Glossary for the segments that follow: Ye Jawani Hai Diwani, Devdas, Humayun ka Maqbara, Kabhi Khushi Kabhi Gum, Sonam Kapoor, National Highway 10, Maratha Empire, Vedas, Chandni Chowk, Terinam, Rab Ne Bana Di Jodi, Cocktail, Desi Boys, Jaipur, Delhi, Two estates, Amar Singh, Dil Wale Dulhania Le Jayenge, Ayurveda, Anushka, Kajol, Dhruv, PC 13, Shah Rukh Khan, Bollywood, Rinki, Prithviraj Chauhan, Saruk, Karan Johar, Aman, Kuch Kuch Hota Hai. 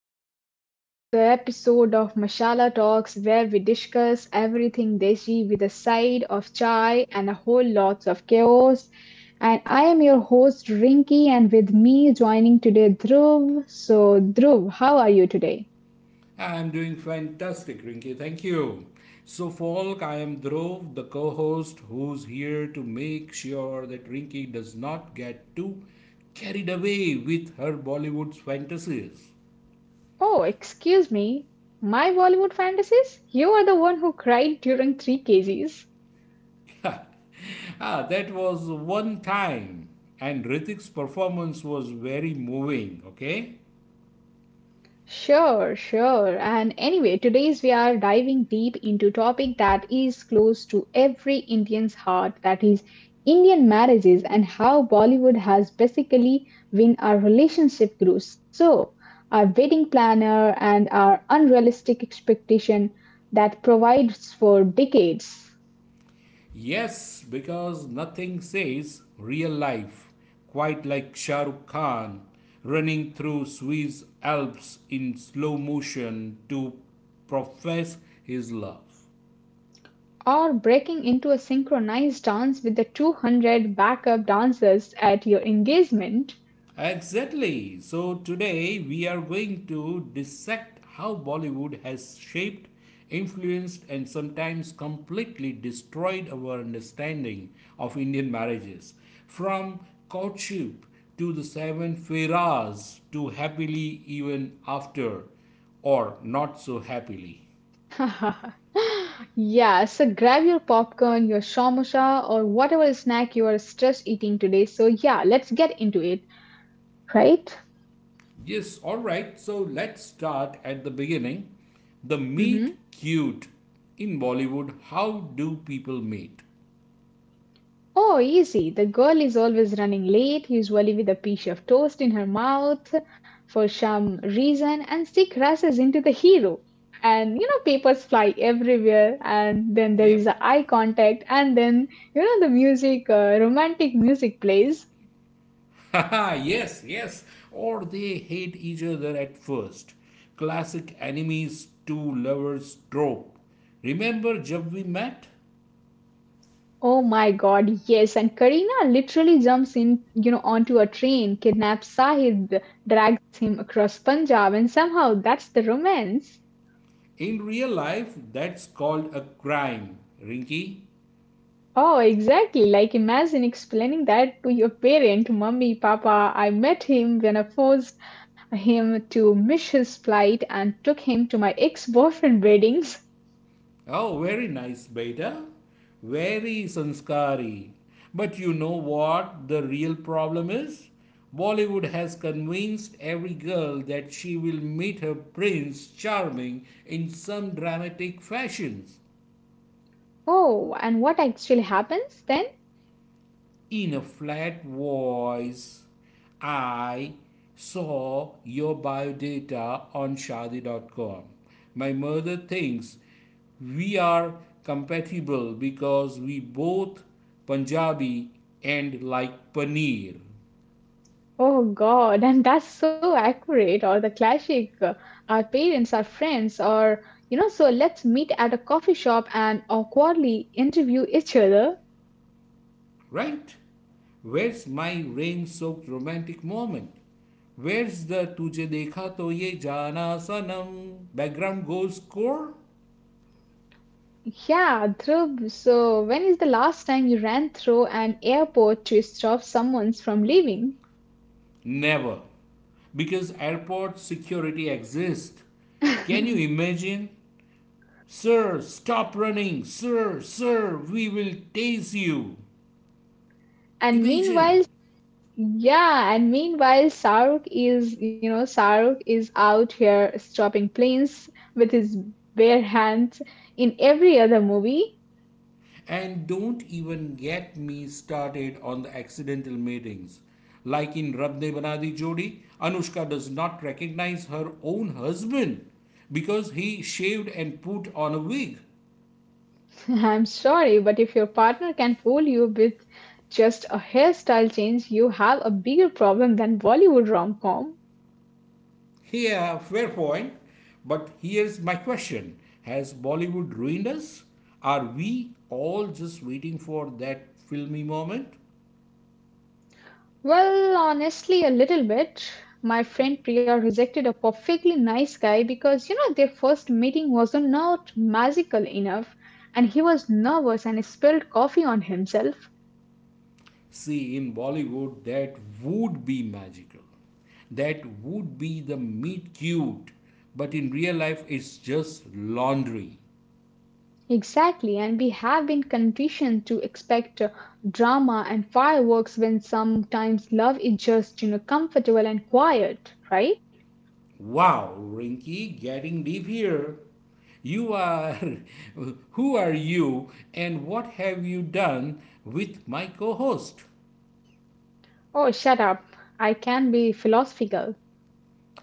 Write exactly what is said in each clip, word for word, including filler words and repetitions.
welcome back to the episode of Mashala Talks where we discuss everything Deshi with a side of chai and a whole lots of chaos. And I am your host Rinki, and with me joining today Dhruv. So, Dhruv, how are you today? I'm doing fantastic, Rinki. Thank you. So, Folk, I am Dhruv, the co host, who's here to make sure that Rinki does not get too carried away with her Bollywood's fantasies. Oh, excuse me, my Bollywood fantasies? You are the one who cried during three K Gs. Ah, that was one time, and Ritik's performance was very moving, okay? Sure, sure. And anyway, today's we are diving deep into topic that is close to every Indian's heart, that is Indian marriages and how Bollywood has basically been our relationship guru. So, our wedding planner and our unrealistic expectation that provides for decades, Yes, because nothing says real life quite like Shah Rukh Khan running through Swiss Alps in slow motion to profess his love. or breaking into a synchronized dance with the two hundred backup dancers at your engagement. Exactly. So today we are going to dissect how Bollywood has shaped, influenced, and sometimes completely destroyed our understanding of Indian marriages. From courtship to the seven firas to happily even after or not so happily. Yeah, so grab your popcorn, your samosa, or whatever snack you are stress eating today. So, yeah, let's get into it, right? Yes, all right. So let's start at the beginning. The meet Mm-hmm. cute in Bollywood. How do people meet? Oh, easy. The girl is always running late, usually with a piece of toast in her mouth for some reason, and she crashes into the hero. And you know, papers fly everywhere, and then there Yep. is a eye contact, and then you know, the music, uh, romantic music plays. Haha, yes, yes. Or they hate each other at first. Classic enemies to lovers trope. Remember Jab We Met? Oh my god, yes. And Karina literally jumps in, you know, onto a train, kidnaps Sahid, drags him across Punjab, and somehow that's the romance. In real life, that's called a crime, Rinky. Oh, exactly. Like imagine explaining that to your parent, mummy, papa, I met him when I forced him to miss his flight and took him to my ex-boyfriend weddings. Oh, very nice, Beta. Very sanskari. But you know what the real problem is? Bollywood has convinced every girl that she will meet her prince charming in some dramatic fashions. Oh, and what actually happens then? In a flat voice, I saw your biodata on shadi dot com. My mother thinks we are compatible because we both Punjabi and like paneer, Oh God, and that's so accurate. Or the classic, uh, our parents are friends, or you know, so let's meet at a coffee shop and awkwardly interview each other. right? Where's my rain soaked romantic moment? Where's the tujhe dekha to ye jana sanam background goes score? Yeah, Dhruv, so when is the last time you ran through an airport to stop someone from leaving? Never. Because airport security exists. Can you imagine? Sir, stop running. Sir, sir, we will tase you. And Imagine. meanwhile, yeah, and meanwhile, Saruk is, you know, Saruk is out here stopping planes with his bare hands in every other movie. And don't even get me started on the accidental meetings. Like in Rab Ne Bana Di Jodi, Anushka does not recognize her own husband because he shaved and put on a wig. I'm sorry, but if your partner can fool you with just a hairstyle change, you have a bigger problem than Bollywood rom com. Yeah, fair point. But here's my question: has Bollywood ruined us? Are we all just waiting for that filmy moment? Well, honestly, a little bit. My friend Priya rejected a perfectly nice guy because, you know, their first meeting was not magical enough and he was nervous and spilled coffee on himself. See, in Bollywood, that would be magical. That would be the meet cute. But in real life, it's just laundry. Exactly, and we have been conditioned to expect uh, drama and fireworks when sometimes love is just, you know, comfortable and quiet, right? Wow, Rinky, getting deep here. You are. Who are you, and what have you done with my co host? Oh, shut up. I can be philosophical.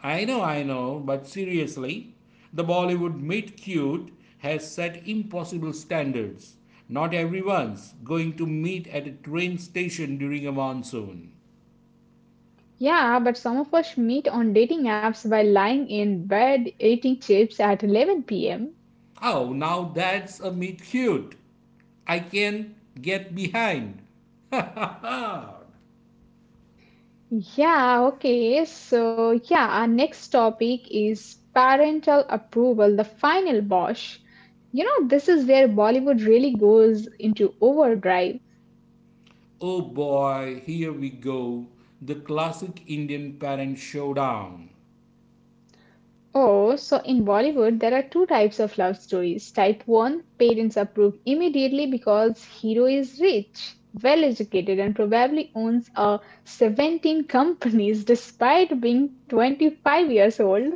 I know, I know, but seriously, the Bollywood meet cute has set impossible standards. Not everyone's going to meet at a train station during a monsoon. Yeah, but some of us meet on dating apps by lying in bed eating chips at eleven p m. Oh, now that's a meet cute. I can get behind. Oh Yeah, okay. So, yeah, our next topic is parental approval, the final boss. You know, this is where Bollywood really goes into overdrive. boy, here we go. The classic Indian parent showdown. Oh, so in Bollywood, there are two types of love stories. Type one, parents approve immediately because hero is rich, well educated and probably owns a seventeen companies despite being twenty-five years old.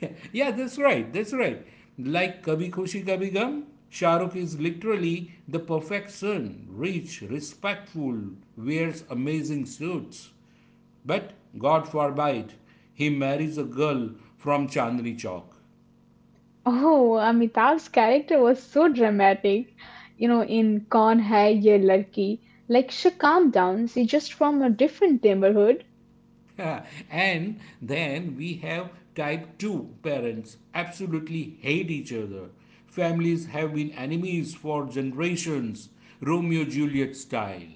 Yeah, that's right. That's right. Like Kabhi Khushi Kabhi Gum, Shahrukh is literally the perfect son, rich, respectful, wears amazing suits. But God forbid he marries a girl from Chandni Chowk. Oh, Amitabh's character was so dramatic. You know, in Kaun Hai Ye Ladki, like she calmed down, she just from a different neighborhood. And then we have type two parents absolutely hate each other. Families have been enemies for generations, Romeo Juliet style.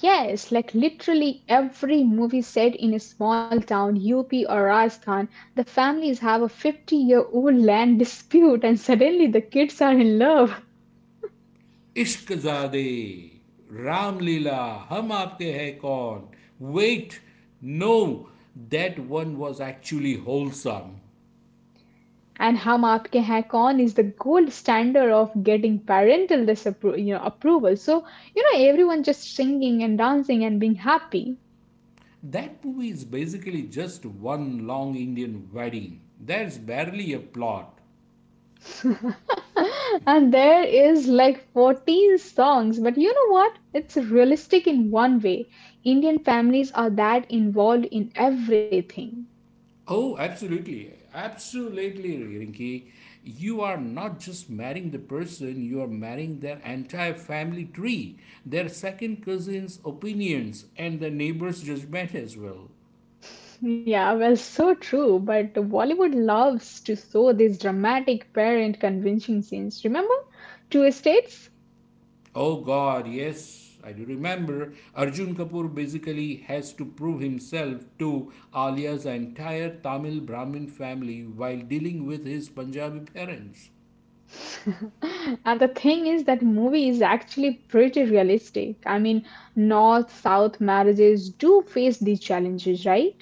Yes, like literally every movie set in a small town, U P or Rajasthan, the families have a fifty year old land dispute and suddenly the kids are in love. इश्क ज़ादे, रामलीला, हम आपके है कौन, wait, no, that one was actually wholesome. And Hum Aapke Hain Kaun is the gold standard of getting parental disappro- you know, approval. So, you know, everyone just singing and dancing and being happy. That movie is basically just one long Indian wedding. There's barely a plot. And there is like fourteen songs, but you know what? It's realistic in one way. Indian families are that involved in everything. Oh, absolutely. Absolutely, Rinki. You are not just marrying the person, you are marrying their entire family tree, their second cousin's opinions, and the neighbor's judgment as well. Yeah, well, so true. But Bollywood loves to show these dramatic parent convincing scenes. Remember? Two estates? Oh God, yes, I do remember. Arjun Kapoor basically has to prove himself to Alia's entire Tamil Brahmin family while dealing with his Punjabi parents. And the thing is that movie is actually pretty realistic. I mean, North South marriages do face these challenges, right?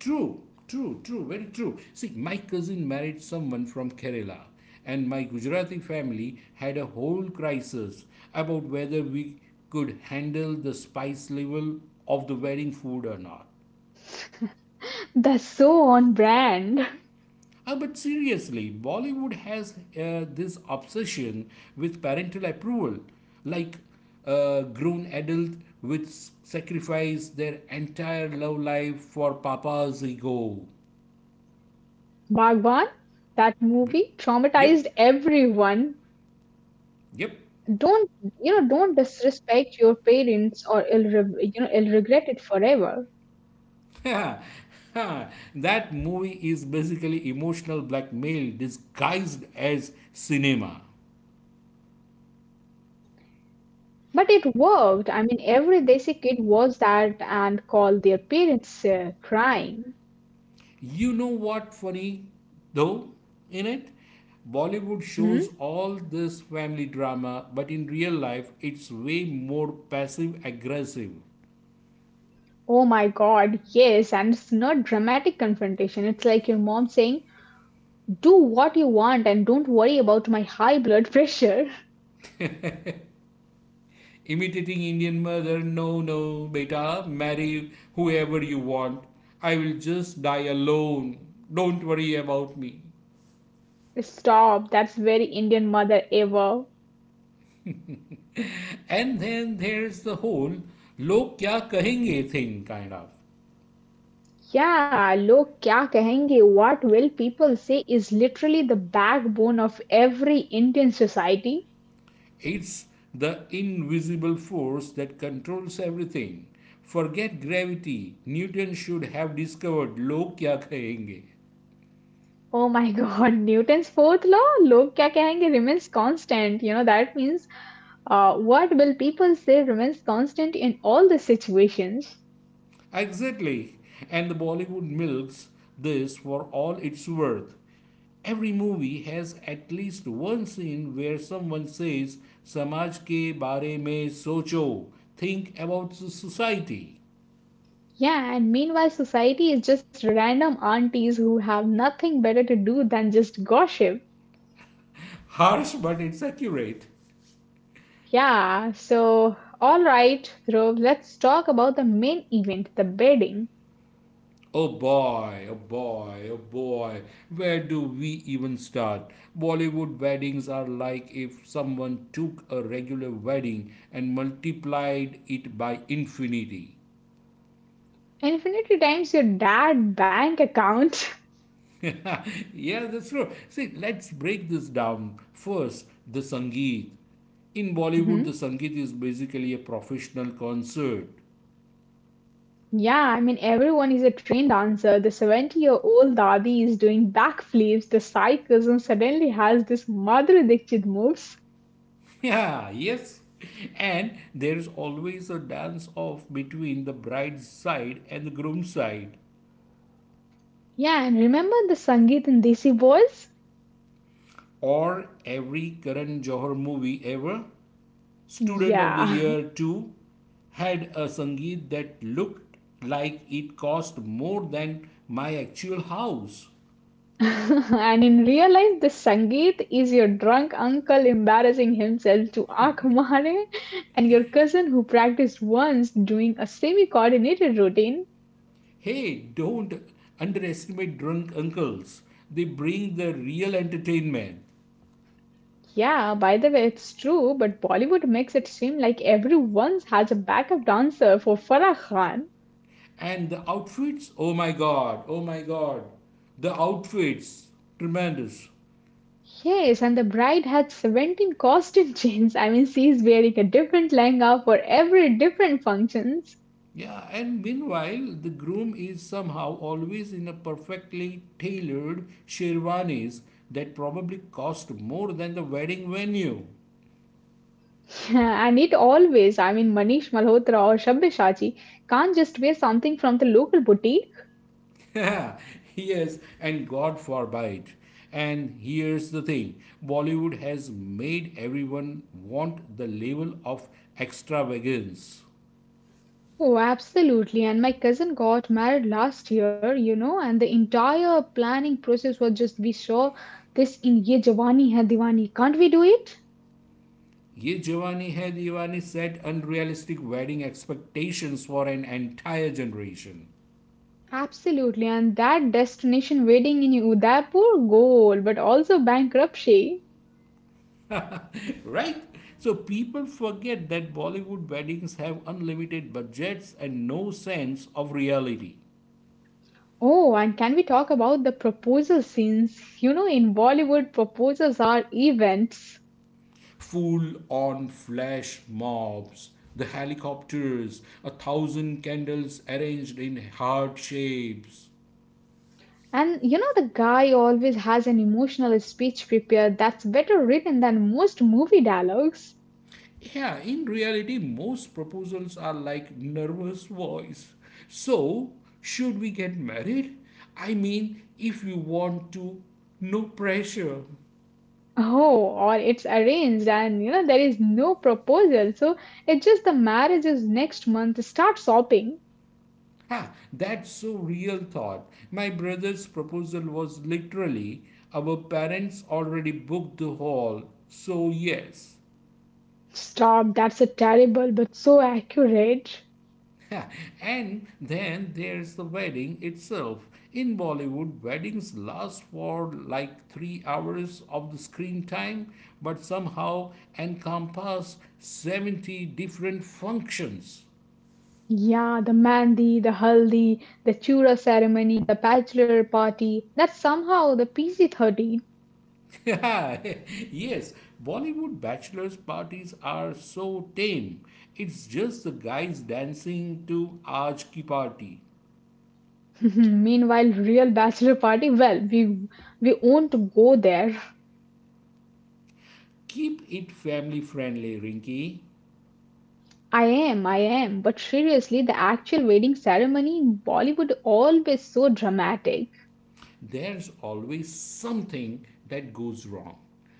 True, true, true, very true. See, my cousin married someone from Kerala, and my Gujarati family had a whole crisis about whether we could handle the spice level of the wedding food or not. That's so on brand. Uh, but seriously, Bollywood has uh, this obsession with parental approval, like a grown adult which sacrifice their entire love life for papa's ego. Bhagwan, that movie Yep, traumatized everyone. yep. Don't you know? Don't disrespect your parents, or it'll re- you know it'll regret it forever. That movie is basically emotional blackmail disguised as cinema. But it worked. I mean, every Desi kid watched that and called their parents uh, crying. You know what funny though in it? Bollywood Hmm. shows all this family drama, but in real life, it's way more passive aggressive. Oh my God, yes, and it's not dramatic confrontation. It's like your mom saying, "Do what you want and don't worry about my high blood pressure." Imitating Indian mother, no, no, beta, marry whoever you want. I will just die alone. Don't worry about me. Stop. That's very Indian mother ever. And then there's the whole log kya kahenge thing, kind of. Yeah, लोग क्या कहेंगे? What will people say is literally the backbone of every Indian society. It's the invisible force that controls everything. Forget gravity. Newton should have discovered log kya kahenge. Oh my God, Newton's fourth law, लोग क्या कहेंगे remains constant. You know, that means uh, what will people say remains constant in all the situations. Exactly. And the Bollywood milks this for all it's worth. Every movie has at least one scene where someone says, Samaj ke bare mein socho, think about society. Yeah, and meanwhile, society is just random aunties who have nothing better to do than just gossip. Harsh, but it's accurate. Yeah, so all right, Dhruv, let's talk about the main event, the bedding. Oh boy, oh boy, oh boy, where do we even start? Bollywood weddings are like if someone took a regular wedding and multiplied it by infinity. Infinity times your dad bank account. Yeah, that's true. See, let's break this down. First, the Sangeet. In Mhm. Bollywood, the Sangeet is basically a professional concert. Yeah, I mean, everyone is a trained dancer. The seventy year old dadi is doing backflips, the cycles, and suddenly has this Madhuri Dixit moves. Yeah, yes. And there is always a dance off between the bride's side and the groom's side. Yeah, and remember the Sangeet in Desi Boys? Or every Karan Johar movie ever. Student of the Yeah. Year two had a Sangeet that looked like it cost more than my actual house. And in real life, the Sangeet is your drunk uncle embarrassing himself to Akhmare and your cousin who practiced once doing a semi coordinated routine. Hey, don't underestimate drunk uncles. They bring the real entertainment. Yeah, by the way, it's true, but Bollywood makes it seem like everyone has a backup dancer for Farah Khan. And the outfits? Oh my god, oh my god. The outfits, tremendous. Yes, and the bride had seventeen costume changes. I mean, she's wearing a different lehenga for every different functions. Yeah, and meanwhile, the groom is somehow always in a perfectly tailored sherwanis that probably cost more than the wedding venue. Yeah, and it always, I mean, Manish Malhotra or Shabby Shachi can't just wear something from the local boutique. Yes, and God forbid. And here's the thing: Bollywood has made everyone want the level of extravagance. Oh, absolutely. And my cousin got married last year, you know, and the entire planning process was just be sure this in Ye Jawani Hai Diwani. Can't we do it? Ye Jawani Hai Deewani set unrealistic wedding expectations for an entire generation. Absolutely. And that destination wedding in Udaipur, goal, but also bankruptcy. Right? So people forget that Bollywood weddings have unlimited budgets and no sense of reality. Oh, and can we talk about the proposal scenes? You know, in Bollywood, proposals are events. Full on flash mobs, the helicopters, a thousand candles arranged in heart shapes. And you know, the guy always has an emotional speech prepared that's better written than most movie dialogues. Yeah, in reality, most proposals are like nervous voice. So, should we get married? I mean, if you want to, no pressure. Oh, or it's arranged and you know there is no proposal. So it's just the marriage is next month. Start shopping. Ah, that's so real thought. My brother's proposal was literally our parents already booked the hall, so yes. Stop, that's a terrible but so accurate. Ha, and then there's the wedding itself. In Bollywood, weddings last for like three hours of the screen time, but somehow encompass seventy different functions. Yeah, the mandi, the haldi, the chura ceremony, the bachelor party. That's somehow the P C thirteen. Yes, Bollywood bachelor's parties are so tame. It's just the guys dancing to Aaj Ki Party. Meanwhile, real bachelor party, well, we we won't go there. Keep it family friendly, Rinky. I am, I am. But seriously, the actual wedding ceremony in Bollywood always so dramatic. There's always something that goes wrong.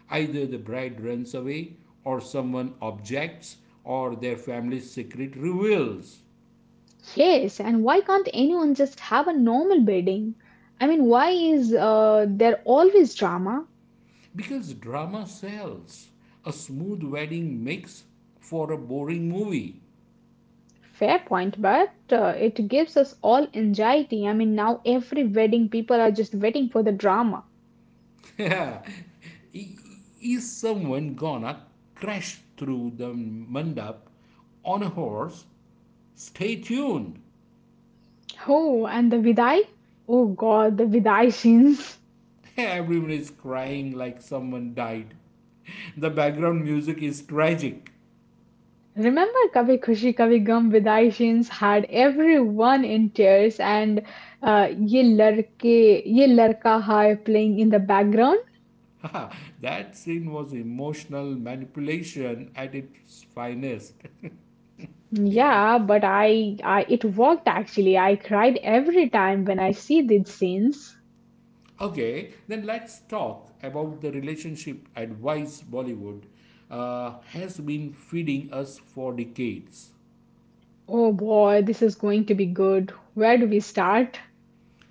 Either the bride runs away, or someone objects, or their family's secret reveals. Yes, and why can't anyone just have a normal wedding? I mean, why is uh, there always drama? Because drama sells. A smooth wedding makes for a boring movie. Fair point, but uh, it gives us all anxiety. I mean, now every wedding, people are just waiting for the drama. Is someone gonna crash through the mandap on a horse? Stay tuned. Oh, and the vidai? Oh God, the vidai scenes. Everyone is crying like someone died. The background music is tragic. Remember Kabhi Khushi Kabhi Gum vidai scenes had everyone in tears and uh, ye larke, ye larka hai playing in the background. That scene was emotional manipulation at its finest. Yeah, but I, I it worked actually. I cried every time when I see these scenes. Okay, then let's talk about the relationship advice Bollywood uh, has been feeding us for decades. Oh boy, this is going to be good. Where do we start?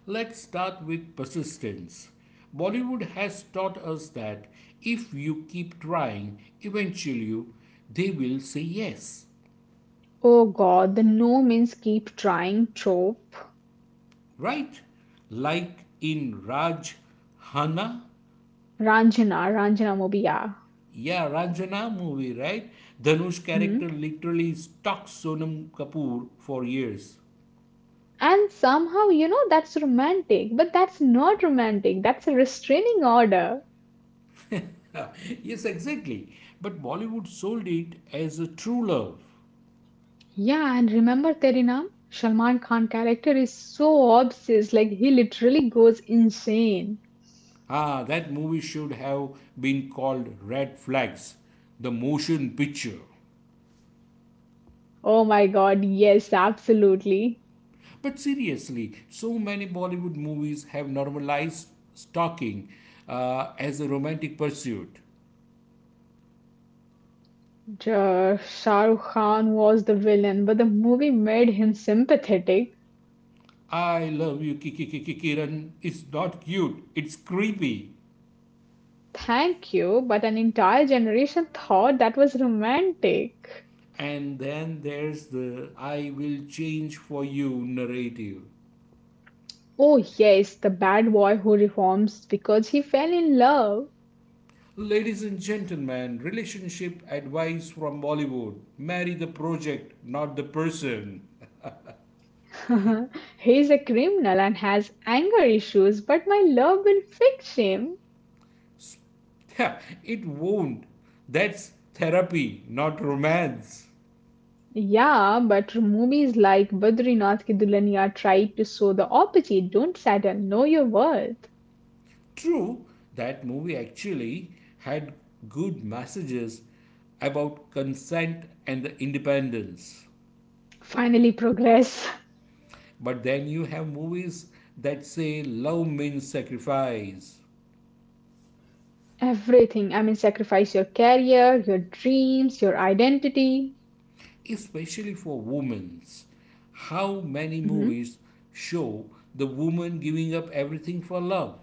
Let's start with persistence. Bollywood has taught us that if you keep trying, eventually they will say yes, Oh god, the no means keep trying trope. right? Like in Raj Hana, Ranjana, Ranjana Mobiya. yeah, Ranjana movie, right? Dhanush character Mhm. literally stalks Sonam Kapoor for years. And somehow, you know, that's romantic, but that's not romantic. That's a restraining order. Yes, exactly. But Bollywood sold it as a true love. Yeah, and remember Terinam? Salman Khan character is so obsessed, like he literally goes insane. Ah, that movie should have been called Red Flags, the motion picture. Oh my god, yes, absolutely. But seriously, so many Bollywood movies have normalized stalking uh, as a romantic pursuit. Ja- Shah Rukh Khan was the villain, but the movie made him sympathetic. I love you, Kiki Kiki Kiran. It's not cute, it's creepy. Thank you, but an entire generation thought that was romantic. And then there's the I will change for you narrative. Oh, yes, the bad boy who reforms because he fell in love. Ladies and gentlemen, relationship advice from Bollywood: marry the project, not the person. He's a criminal and has anger issues, but my love will fix him. Yeah, it won't. That's therapy, not romance. Yeah, but movies like Badrinath Ki Dulhania tried to show the opposite. Don't settle, know your worth. True, that movie actually had good messages about consent and the independence. Finally, progress. But then you have movies that say love means sacrifice, Everything. I mean, sacrifice your career, your dreams, your identity. especially for women. How many Hmm. movies show the woman giving up everything for love?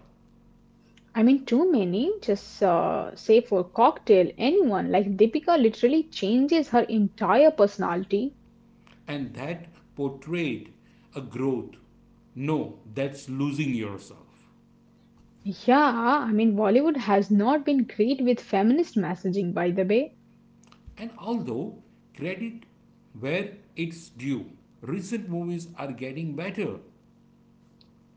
I mean, too many just uh, say for cocktail, anyone like Deepika literally changes her entire personality. And that portrayed a growth. No, that's losing yourself. Yeah, I mean, Bollywood has not been great with feminist messaging, by the way. And although credit where it's due, recent movies are getting better.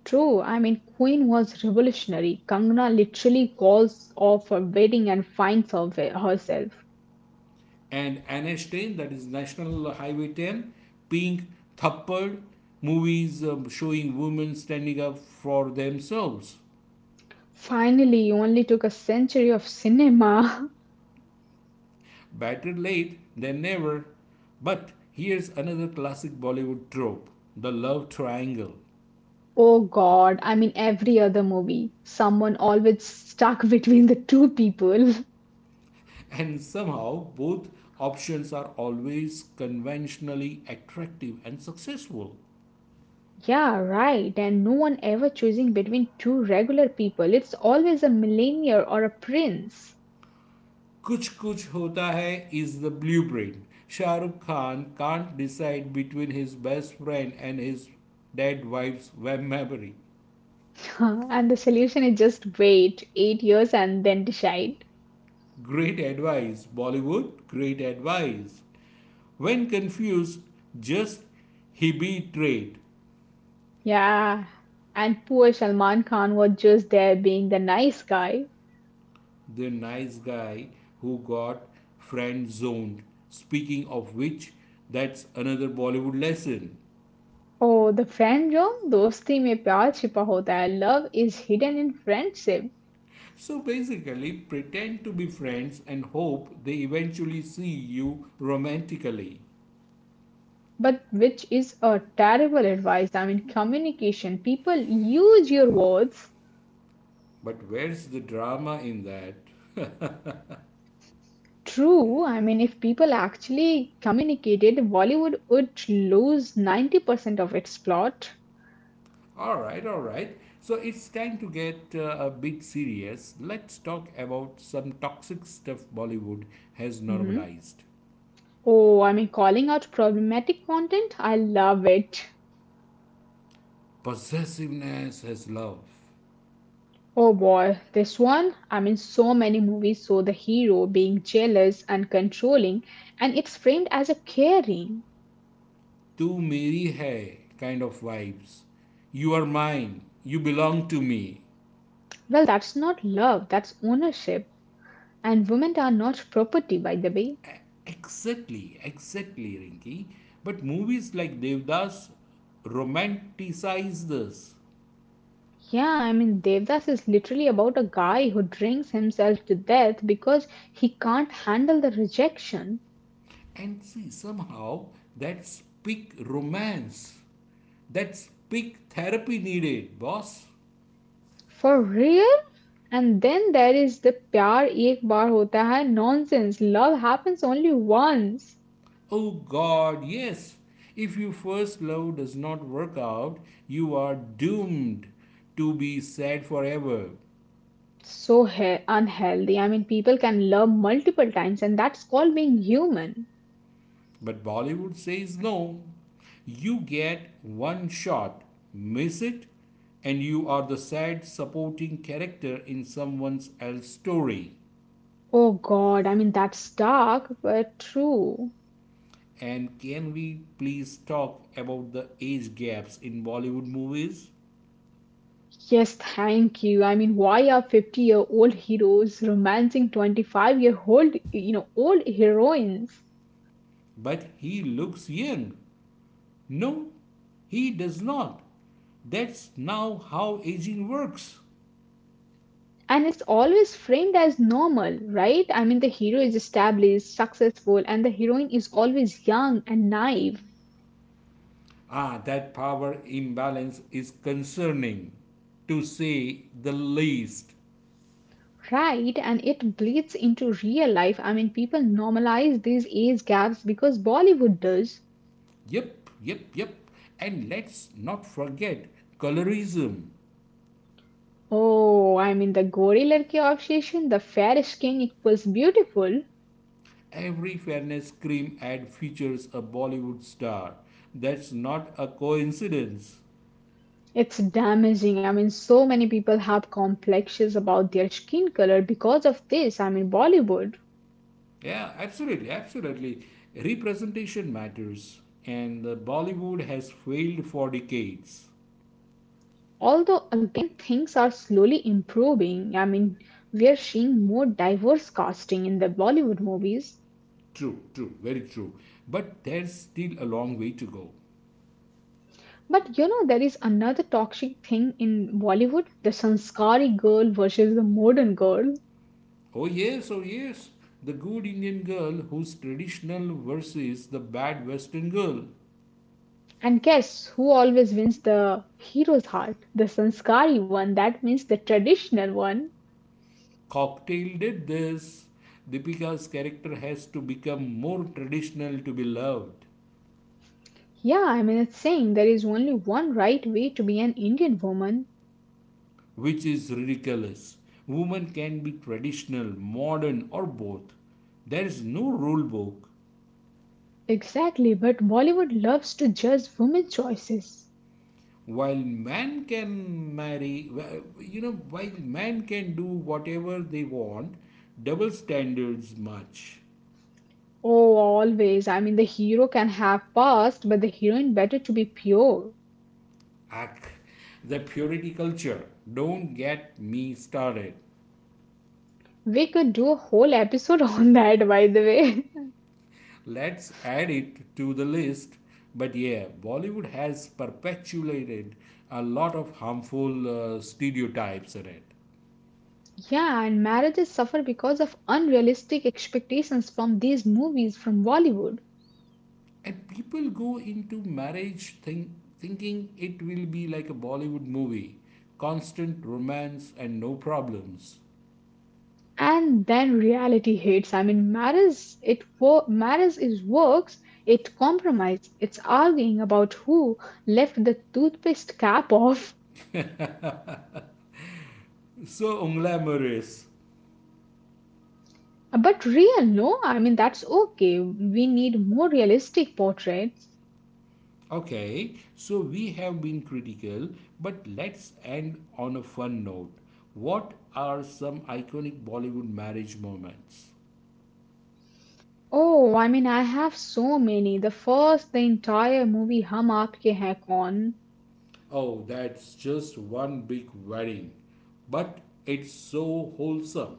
True, I mean, Queen was revolutionary. Kangana literally calls off her wedding and finds her- herself. And N H ten, that is National Highway ten, Pink, Thappad, movies um, showing women standing up for themselves. Finally, you only took a century of cinema. Better late than never. But here's another classic Bollywood trope: the love triangle. Oh God, I mean, every other movie, someone always stuck between the two people. And somehow, both options are always conventionally attractive and successful. Yeah, right. And no one ever choosing between two regular people. It's always a millionaire or a prince. Kuch Kuch Hota Hai is the blueprint. Shah Rukh Khan can't decide between his best friend and his dead wife's web memory. And the solution is just wait eight years and then decide. Great advice, Bollywood, great advice. When confused, just he betrayed. Yeah. And poor Salman Khan was just there being the nice guy. The nice guy who got friend zoned. Speaking of which, that's another Bollywood lesson. Oh, the friend jo dosti mein pyar छिपा होता है. Love is hidden in friendship. So basically, pretend to be friends and hope they eventually see you romantically. But which is a terrible advice. I mean, communication. People use your words. But where's the drama in that? True. I mean, if people actually communicated, Bollywood would lose ninety percent of its plot. Alright, alright. So it's time to get uh, a bit serious. Let's talk about some toxic stuff Bollywood has Mhm. normalized. Oh, I mean, calling out problematic content. I love it. Possessiveness as love. Oh boy, this one. I mean, so many movies show the hero being jealous and controlling, and it's framed as a caring. तू मेरी है kind of vibes. You are mine. You belong to me. Well, that's not love, that's ownership. And women are not property, by the way. Exactly, exactly, Rinki. But movies like Devdas romanticize this. Yeah, I mean, Devdas is literally about a guy who drinks himself to death because he can't handle the rejection. And see, somehow that's peak romance. That's peak therapy needed, boss. For real? And then there is the pyar ek bar hota hai nonsense. Love happens only once. Oh God, yes. If your first love does not work out, you are doomed to be sad forever. So he- unhealthy. I mean, people can love multiple times, and that's called being human. But Bollywood says no. You get one shot, miss it, and you are the sad supporting character in someone else's story. Oh god, I mean, that's dark, but true. And can we please talk about the age gaps in Bollywood movies? Yes, thank you. I mean, why are fifty year old heroes romancing twenty-five year old, you know, old heroines? But he looks young. No, he does not. That's now how aging works. And it's always framed as normal, right? I mean, the hero is established, successful, and the heroine is always young and naive, Ah, that power imbalance is concerning, to say the least. right? And it bleeds into real life. I mean, people normalize these age gaps because Bollywood does. Yep, yep, yep. And let's not forget colorism. Oh, I mean, the gorilla obsession, the fair skin equals beautiful. Every fairness cream ad features a Bollywood star. That's not a coincidence. It's damaging. I mean, so many people have complexes about their skin color because of this. I mean, Bollywood. Yeah, absolutely, absolutely. Representation matters, and uh, Bollywood has failed for decades. Although, again, things are slowly improving. I mean, we are seeing more diverse casting in the Bollywood movies. True, true, very true. But there's still a long way to go. But you know, there is another toxic thing in Bollywood, the Sanskari girl versus the modern girl. Oh, yes, oh, yes. The good Indian girl who's traditional versus the bad Western girl. And guess who always wins the hero's heart? The Sanskari one. That means the traditional one. Cocktail did this. Deepika's character has to become more traditional to be loved, Yeah, I mean, it's saying there is only one right way to be an Indian woman. which is ridiculous. Women can be traditional, modern, or both. There is no rule book. Exactly, but Bollywood loves to judge women's choices. While man can marry, you know, while man can do whatever they want, double standards much. Oh, always. I mean, the hero can have past, but the heroine better to be pure. Ach, the purity culture. Don't get me started. We could do a whole episode on that, by the way. Let's add it to the list. But yeah, Bollywood has perpetuated a lot of harmful uh, stereotypes in it. Yeah, and marriages suffer because of unrealistic expectations from these movies from Bollywood. And people go into marriage think, thinking it will be like a Bollywood movie, constant romance and no problems. And then reality hits. I mean marriage it wo- marriage is works, it compromise, it's arguing about who left the toothpaste cap off. So unglamorous. But real, no? I mean that's okay, we need more realistic portraits. Okay, so we have been critical, but let's end on a fun note. What are some iconic Bollywood marriage moments? Oh, i mean I have so many. The first, the entire movie, hum aapke hai kaun. Oh, that's just one big wedding. But it's so wholesome.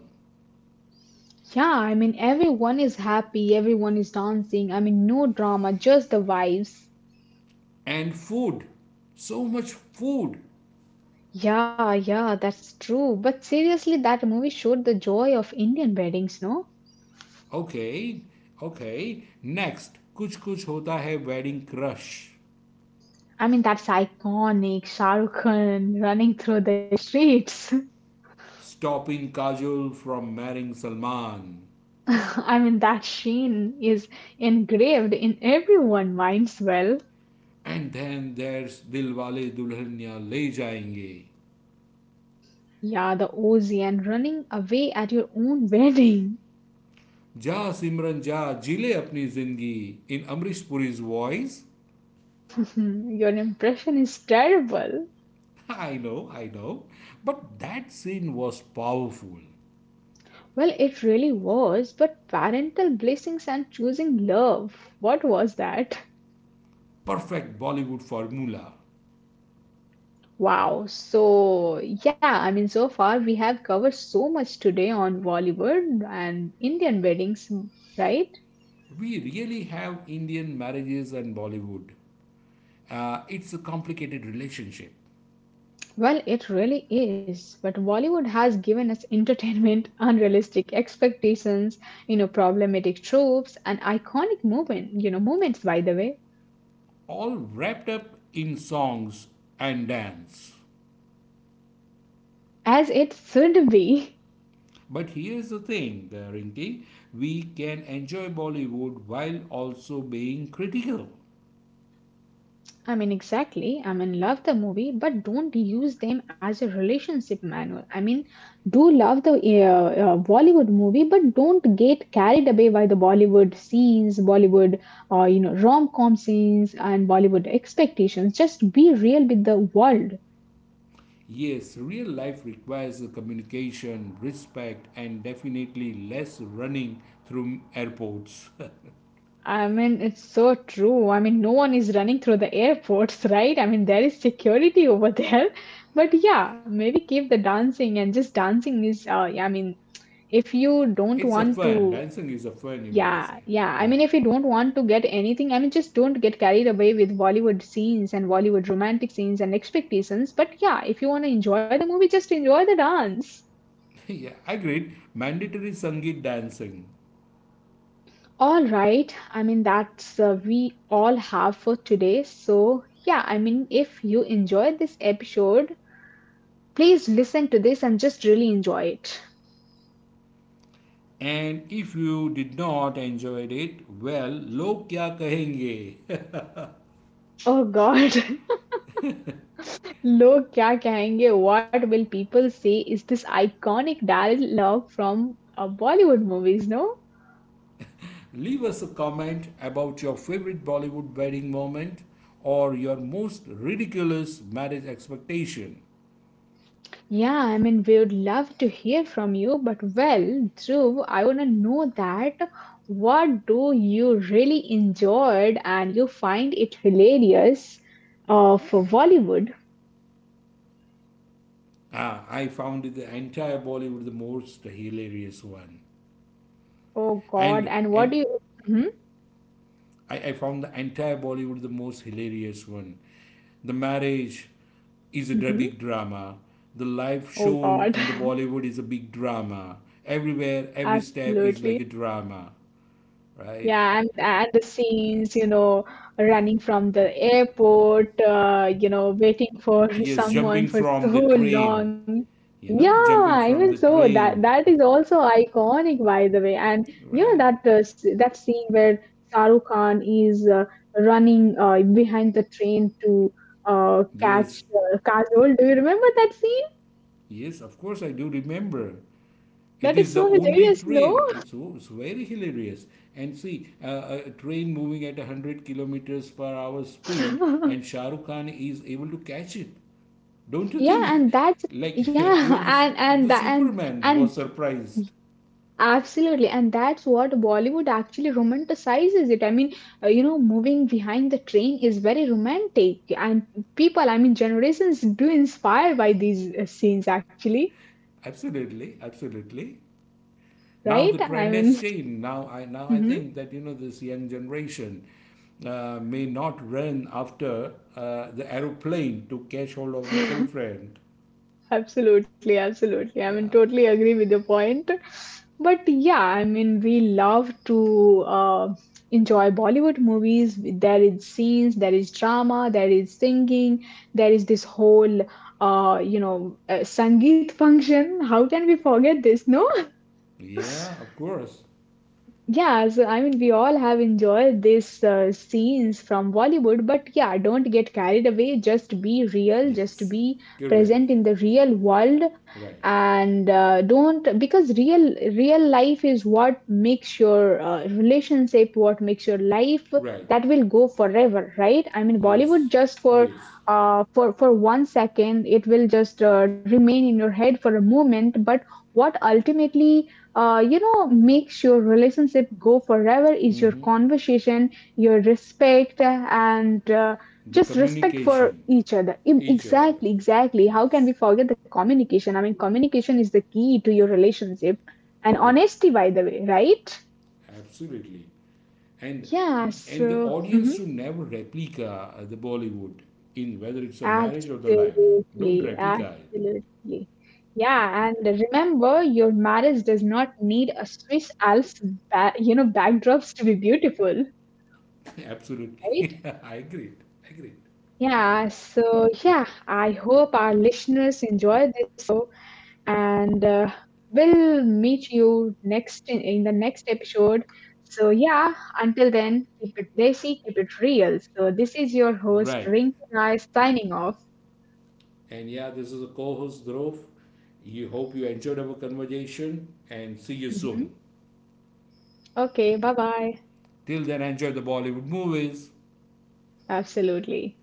Yeah, i mean everyone is happy, everyone is dancing. I mean no drama, just the vibes. And food. So much food. Yeah, yeah, that's true. But seriously, that movie showed the joy of Indian weddings, no? Okay, okay. Next, kuch kuch hota hai wedding crush. I mean, that's iconic. Shah Rukh Khan running through the streets. Stopping Kajol from marrying Salman. I mean, that sheen is engraved in everyone's minds. Well, And then there's दिल वाले दुल्हनिया ले जाएंगे. yeah, the Ozzy and running away at your own wedding. जा सिमरन जा जिले अपनी जिंदगी in Amrish Puri's voice. Your impression is terrible. I know, I know. But that scene was powerful. Well, it really was, but parental blessings and choosing love. What was that? Perfect Bollywood formula. Wow. So, yeah, I mean, so far we have covered so much today on Bollywood and Indian weddings, right? We really have Indian marriages and Bollywood. Uh, it's a complicated relationship, Well, it really is. But Bollywood has given us entertainment, unrealistic expectations, you know, problematic tropes, and iconic moment, you know, moments, by the way, all wrapped up in songs and dance. as it should be. But here's the thing, uh, Rinki, we can enjoy Bollywood while also being critical. I mean, exactly. I mean, Love the movie, but don't use them as a relationship manual. I mean, do love the uh, uh, Bollywood movie, but don't get carried away by the Bollywood scenes, Bollywood, uh, you know, rom com scenes, and Bollywood expectations. Just be real with the world. Yes, real life requires communication, respect, and definitely less running through airports. I mean, it's so true. I mean, no one is running through the airports, right? I mean, there is security over there. But yeah, maybe keep the dancing, and just dancing is, uh, yeah, I mean, if you don't It's a want fun. to, Dancing is a fun, you mean? To say. yeah, yeah. I Yeah. Mean, if you don't want to get anything, I mean, just don't get carried away with Bollywood scenes and Bollywood romantic scenes and expectations. But yeah, if you want to enjoy the movie, just enjoy the dance. Yeah, I agreed. Mandatory Sangeet dancing. All right. I mean, that's uh, we all have for today. So, yeah, I mean, if you enjoyed this episode, please listen to this and just really enjoy it. And if you did not enjoyed it, well, log kya kahenge? Oh God, लोग क्या कहेंगे? What will people say? Is this iconic dialogue from uh, Bollywood movies? No. Leave us a comment about your favorite Bollywood wedding moment or your most ridiculous marriage expectation. Yeah, I mean, we would love to hear from you, but well, Dhruv, I want to know that what do you really enjoyed and you find it hilarious uh, for Bollywood? Ah, I found the entire Bollywood the most hilarious one. Oh God, And and what and do you? Hmm. I, I found the entire Bollywood the most hilarious one. The marriage is a dra- Hmm. big drama. The life Oh shown God, in the Bollywood is a big drama. Everywhere, every step is like absolutely. a drama, right? Yeah, and and the scenes, you know, running from the airport, uh, you know, waiting for Yes, someone jumping for from so the train, long. you know, Yeah, jumping even from the so, that train, that is also iconic, by the way. And you know right? that uh, s- that scene where Shahrukh Khan is uh, running uh, behind the train to uh, catch Yes, uh, Kajol. Do you remember that scene? yes, of course I do remember. It That is is so the only hilarious, train. no? It was very hilarious. And see, uh, a train moving at one hundred kilometers per hour speed, and Shah Rukh Khan is able to catch it. Don't you Yeah, think? and that's Like, yeah, and and that and. man And was surprised. Absolutely, and that's what Bollywood actually romanticizes it. I mean, uh, you know, moving behind the train is very romantic, and people, I mean, generations do inspire by these uh, scenes, actually, Absolutely, absolutely. Now right? the I trend has mean, changed. Now I now I think that you know this young generation uh, may not run after uh, the aeroplane to catch hold of this girlfriend. Absolutely, absolutely. I mean, Yeah, Totally agree with your point. But yeah, I mean, we love to uh, enjoy Bollywood movies. There is scenes, there is drama, there is singing, there is this whole, uh, you know, uh, Sangeet function. How can we forget this? No? yeah, of course, Yeah, so I mean, we all have enjoyed these uh, scenes from Bollywood, but yeah, don't get carried away. Just be real, just be correct. present in the real world, Right, and uh, don't, because real real life is what makes your uh, relationship, what makes your life right. that will go forever, right? I mean, Yes, Bollywood just for yes. uh, for for one second, it will just uh, remain in your head for a moment, but what ultimately uh, you know makes your relationship go forever is your conversation, your respect, and uh, The just respect for communication, each other. Im- each other. Exactly, exactly, how can Yes, we forget the communication? I mean communication is the key to your relationship, and correct. honesty, by the way, right? Absolutely. And Yeah, and the so audience mhm, should never replica uh, the Bollywood in whether it's a match or the live. Don't absolutely, replica it. absolutely. Yeah, and remember, your marriage does not need a Swiss Alps ba- you know backdrops to be beautiful, right? Absolutely. I agree. I agree. Yeah, so yeah, I hope our listeners enjoy this show, and uh, we'll meet you next in, in the next episode. So yeah, until then, keep it desi, keep it real. So this is your host Right. Rinky Rai signing off. And yeah, this is a co-host Dhruv. You hope you enjoyed our conversation and see you Mhm. soon. Okay, bye bye. Till then, enjoy the Bollywood movies. Absolutely.